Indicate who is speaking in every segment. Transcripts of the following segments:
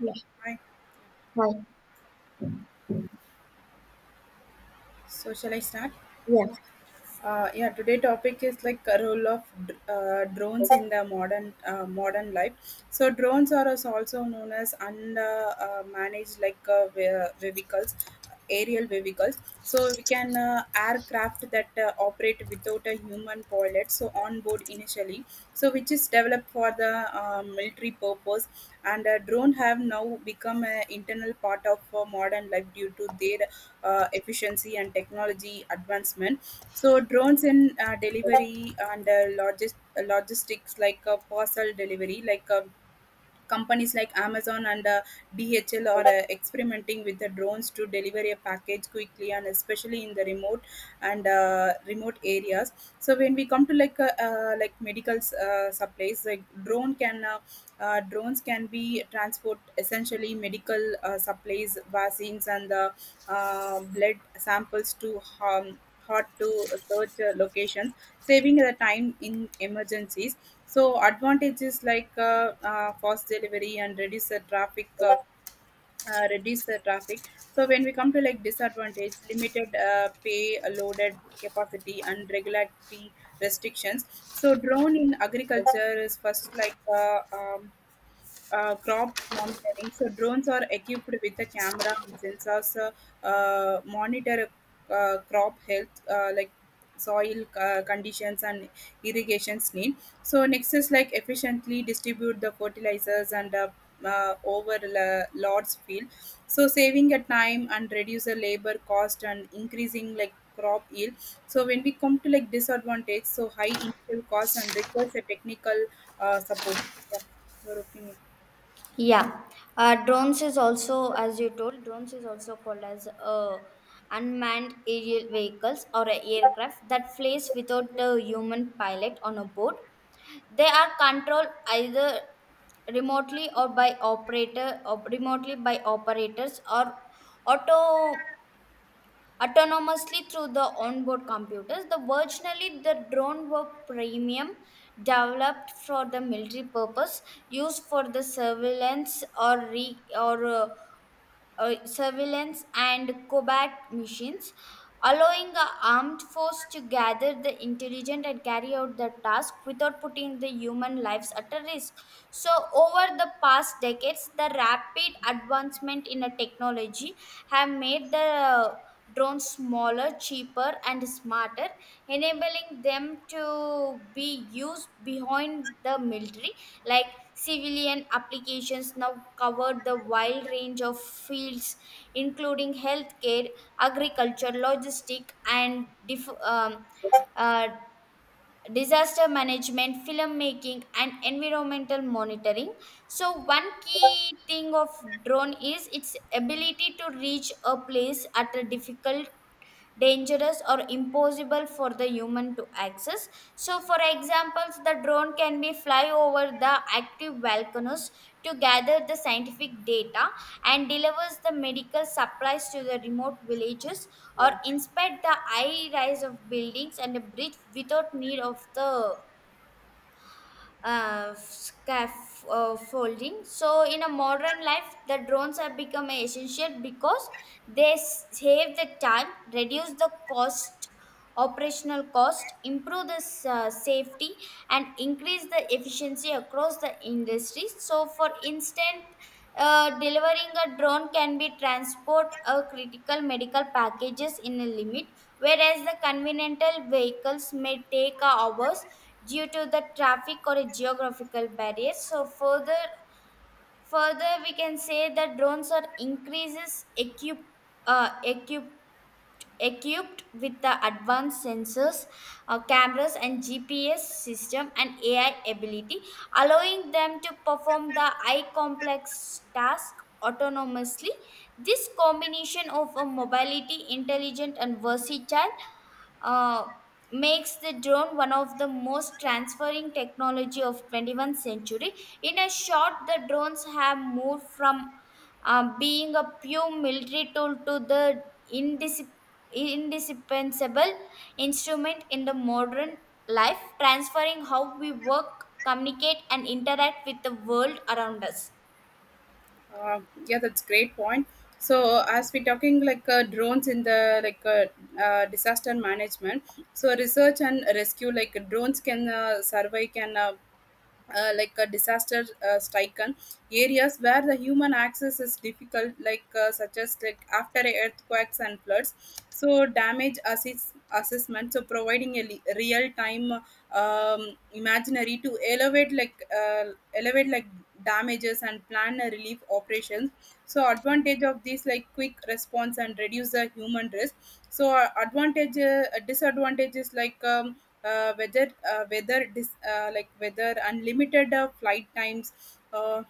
Speaker 1: Yeah,
Speaker 2: Hi.
Speaker 1: hi.
Speaker 2: So shall I start?
Speaker 1: Yeah,
Speaker 2: Yeah. Today topic is like a role of drones in the modern life. So drones are also known as unmanaged managed like vehicles, aerial vehicles. So we can aircraft that operate without a human pilot. So onboard initiative actually so which is developed for the military purpose and drone have now become an internal part of modern life due to their efficiency and technology advancement. So drones in delivery and logistics, like parcel delivery, like companies like Amazon and DHL are experimenting with the drones to deliver a package quickly, and especially in the remote and remote areas. So when we come to like medical supplies, like drones can be transport essentially medical supplies, vaccines, and the blood samples to harm hot to search locations, saving the time in emergencies. So advantages like fast delivery and reduce the traffic. So when we come to like disadvantage, limited pay, loaded capacity, and regulatory restrictions. So drone in agriculture is first like crop monitoring. So drones are equipped with a camera and sensors monitor crop health, like soil conditions and irrigation need. So next is like efficiently distribute the fertilizers and lots field. So saving a time and reduce the labor cost and increasing like crop yield. So when we come to like disadvantage, so high initial cost and requires a technical support. Yeah, your opinion.
Speaker 1: yeah. Drones is also, as you told, drones is also called as unmanned aerial vehicles or a aircraft that flies without a human pilot on a board. They are controlled either remotely or by operator, or remotely by operators or auto autonomously through the onboard computers. The originally the drone were premium developed for the military purpose, used for the surveillance or surveillance and combat missions, allowing a armed force to gather the intelligence and carry out the task without putting the human lives at a risk. So, over the past decades, the rapid advancement in a technology have made the drones smaller, cheaper, and smarter, enabling them to be used behind the military, like civilian applications now cover the wide range of fields, including healthcare, agriculture, logistic, and uh, disaster management, filmmaking, and environmental monitoring. So, one key thing of drone is its ability to reach a place at a difficult dangerous or impossible for the human to access. So, for examples, the drone can be fly over the active volcanoes to gather the scientific data and delivers the medical supplies to the remote villages
Speaker 2: Yeah,
Speaker 1: or inspect the high rise of buildings and a bridge without need of the scaffolding. So, in a modern life, the drones have become essential because save the time, reduce the cost, operational cost, improve the safety, and increase the efficiency across the industry. So, for instance, delivering a drone can be transport a critical medical packages in a limit, whereas the conventional vehicles may take hours due to the traffic or a geographical barriers. So further we can say that drones are increases uh, equip equipped with the advanced sensors, cameras, and GPS system and AI ability, allowing them to perform the high complex task autonomously. This combination of a mobility, intelligent, and versatile uh, makes the drone one of the most transferring technology of 21st century. In a short, the drones have moved from being a pure military tool to the indisciplined indispensable instrument in the modern life, transferring how we work, communicate, and interact with the world around us.
Speaker 2: uh, yeah, that's great point. So as we're talking like drones in the like disaster management, so research and rescue, like drones can survey can like a disaster stricken areas where the human access is difficult, like such as like after earthquakes and floods. So damage assessment, so providing a real time imaginary to elevate like damages and plan a relief operations. So advantage of this like quick response and reduce the human risk. So advantage disadvantage is like whether whether this like whether unlimited flight times. uh,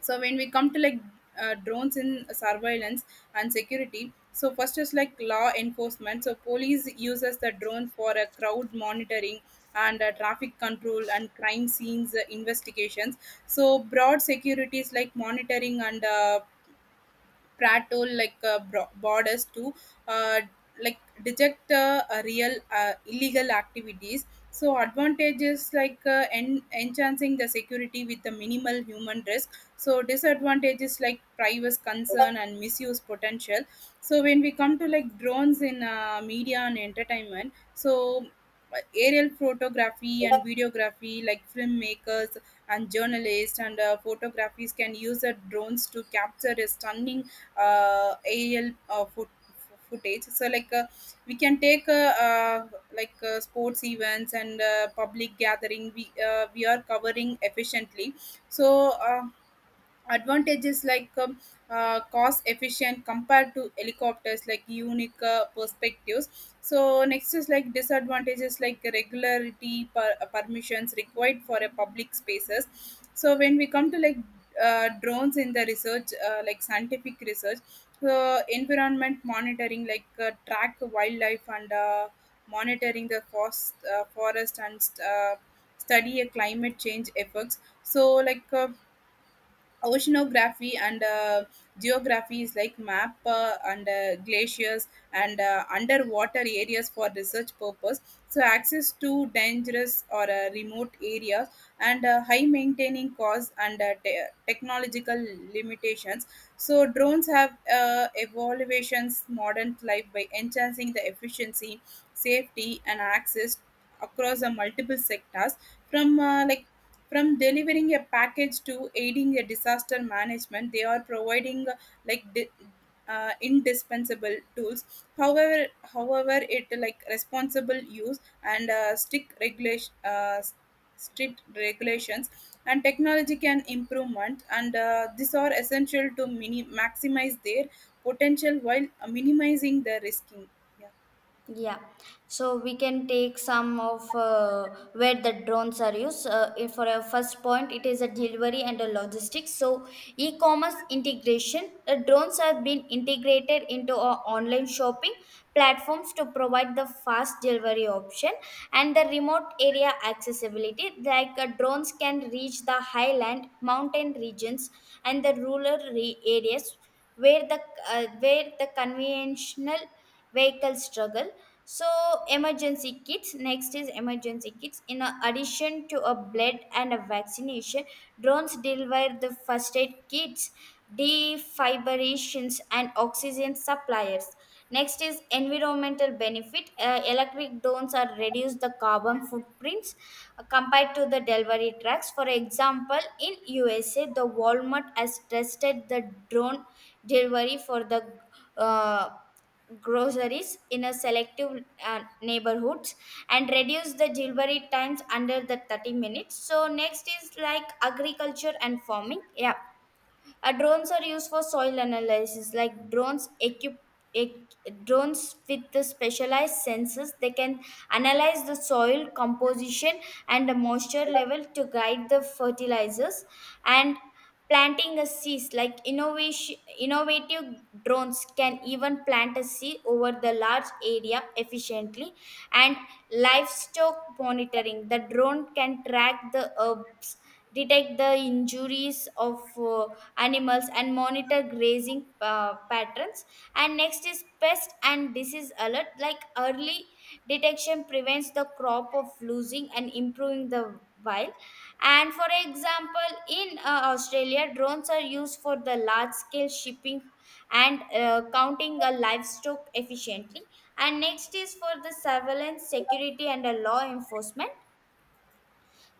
Speaker 2: so when we come to like drones in surveillance and security, so first is like law enforcement, so police uses the drone for a crowd monitoring and traffic control and crime scenes investigations. So broad security is like monitoring and prattle like borders to uh, like detect a real illegal activities. So advantages like enhancing the security with the minimal human risk, so disadvantages like privacy concern and misuse potential. So when we come to like drones in media and entertainment, so aerial photography and videography, like filmmakers and journalists and photographers can use the drones to capture a stunning uh, al uh, foot, footage. So like we can take like sports events and public gathering. We we are covering efficiently. So, advantages like cost efficient compared to helicopters, like unique perspectives. So next is like disadvantages, like regularity permissions required for a public spaces. So when we come to like drones in the research, like scientific research. So environment monitoring, like track wildlife and monitoring the forest and study a climate change effects. So like oceanography and geography is like map and glaciers and underwater areas for research purpose. So access to dangerous or remote areas, and high maintaining costs and technological limitations. So drones have evaluations modern life by enhancing the efficiency, safety, and access across the multiple sectors, from from delivering a package to aiding a disaster management. They are providing like di- indispensable tools. However however it like responsible use and strict regulations and technology can improvement, and these are essential to maximize their potential while minimizing the risking. Yeah.
Speaker 1: Yeah, so we can take some of where the drones are used. If for a first point, it is a delivery and a logistics. So, e-commerce integration. The drones have been integrated into our online shopping platforms to provide the fast delivery option and the remote area accessibility. Like drones can reach the highland, mountain regions, and the areas where the where the conventional vehicle struggle. So emergency kits, next is emergency kits. In addition to a blood and a vaccination, drones deliver the first aid kits, defibrillations, and oxygen suppliers. Next is environmental benefit. Electric drones are reduce the carbon footprints compared to the delivery trucks. For example, in USA, the Walmart has tested the drone delivery for the uh, groceries in a selective neighborhoods and reduce the delivery times under the 30 minutes. So next is like agriculture and farming. Yeah, drones are used for soil analysis, like drones equipped. Drones with the specialized sensors, they can analyze the soil composition and the moisture level to guide the fertilizers and planting a seed. Like innovation innovative drones can even plant a seed over the large area efficiently. And livestock monitoring, the drone can track the herbs, detect the injuries of uh, animals and monitor grazing patterns. And next is pest and disease alert, like early detection prevents the crop of losing and improving the wild. And for example, in Australia, drones are used for the large scale shipping and counting a livestock efficiently. And next is for the surveillance, security, and a law enforcement.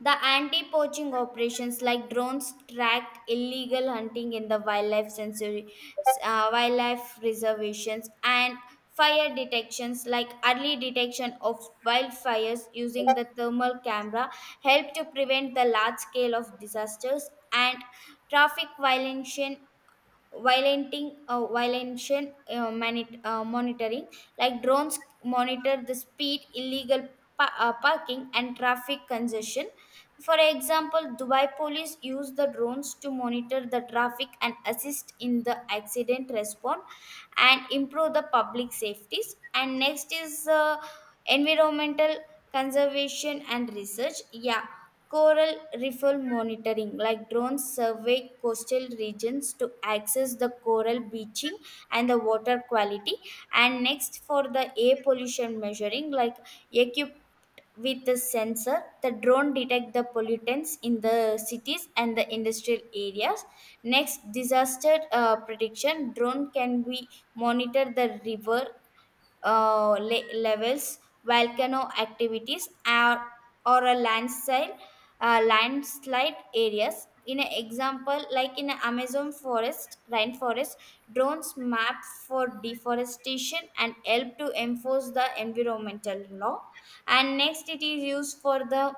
Speaker 1: The anti poaching operations, like drones tracked illegal hunting in the wildlife sensory, wildlife reservations, and fire detections, like early detection of wildfires using the thermal camera help to prevent the large scale of disasters. And traffic violation monitoring, like drones monitor the speed illegal parking and traffic congestion. For example, Dubai police use the drones to monitor the traffic and assist in the accident response and improve the public safeties. And next is environmental conservation and research. Yeah, coral reef monitoring, like drones, survey coastal regions to access the coral beaching and the water quality. And next, for the air pollution measuring, like equipped with the sensor, the drone detect the pollutants in the cities and the industrial areas. Next, disaster prediction, drone can be monitor the river levels, volcano activities, or a landslide areas. In an example, like in a Amazon forest, rainforest, drones map for deforestation and help to enforce the environmental law. And next, it is used for the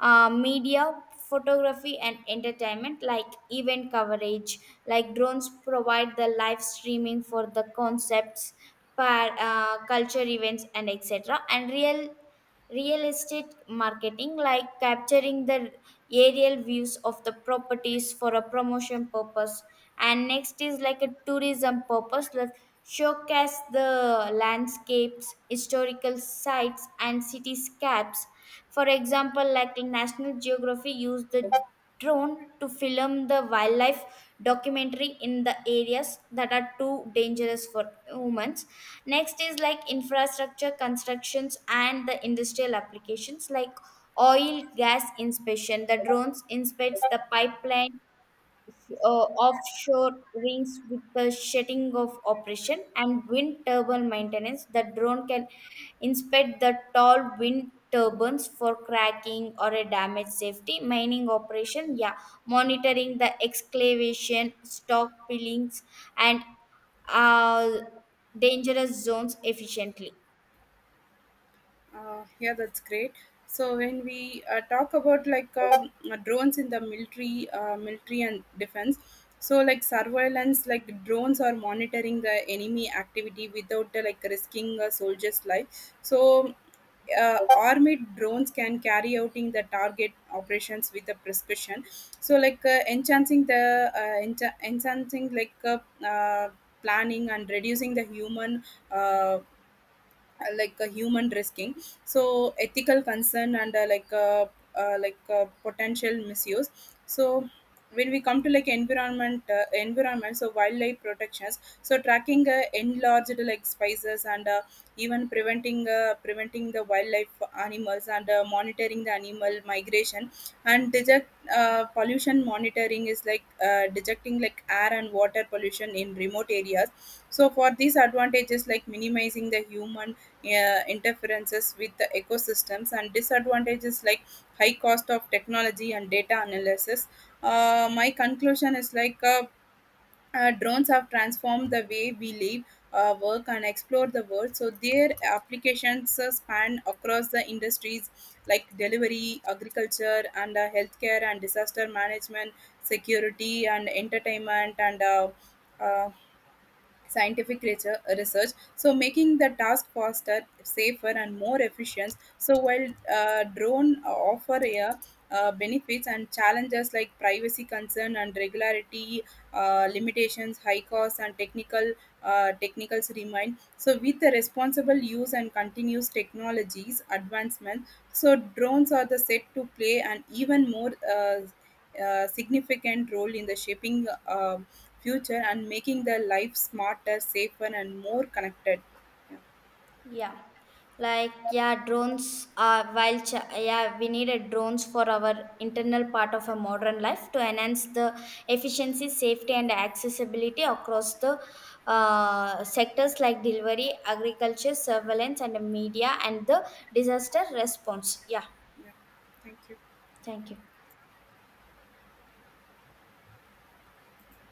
Speaker 1: media, photography, and entertainment, like event coverage. Like drones provide the live streaming for the concepts, culture events, and etc. And real estate marketing, like capturing the aerial views of the properties for a promotion purpose. And next is like a tourism purpose, like showcase the landscapes, historical sites, and cityscapes. For example, like in National Geography, use the drone to film the wildlife documentary in the areas that are too dangerous for humans. Next is like infrastructure constructions and the industrial applications, like oil gas inspection. The drones inspects the pipeline, offshore rings with the shedding of operation, and wind turbine maintenance. The drone can inspect the tall wind turbines for cracking or a damage safety mining operation. Yeah, monitoring the excavation stock pillings and uh, dangerous zones efficiently.
Speaker 2: Yeah, that's great. So when we talk about like drones in the military, military and defense, so like surveillance, like drones are monitoring the enemy activity without like risking a soldier's life. So armored drones can carry out in the target operations with a prescription. So like enhancing like uh, planning and reducing the human. Uh, like a human risking. So ethical concern and potential misuse. So when we come to like environment, so wildlife protections, so tracking enlarged like spices and even preventing preventing the wildlife animals and monitoring the animal migration and detect pollution monitoring is like detecting like air and water pollution in remote areas. So for these advantages like minimizing the human interferences with the ecosystems, and disadvantages like high cost of technology and data analysis. My conclusion is like drones have transformed the way we live, work, and explore the world. So their applications span across the industries like delivery, agriculture, and healthcare and disaster management, security and entertainment, and uh, scientific research, so making the task faster, safer, and more efficient. So while drone offer a benefits and challenges, like privacy concern and regularity limitations, high costs and technical technicals remain. So with the responsible use and continuous technologies advancement, so drones are the set to play an even more a significant role in the shaping future and making the life smarter, safer, and more connected. Yeah,
Speaker 1: Yeah, like yeah, drones are yeah we needed drones for our internal part of a modern life to enhance the efficiency, safety, and accessibility across the sectors like delivery, agriculture, surveillance, and media, and the disaster response. Yeah,
Speaker 2: yeah. Thank you.
Speaker 1: thank you.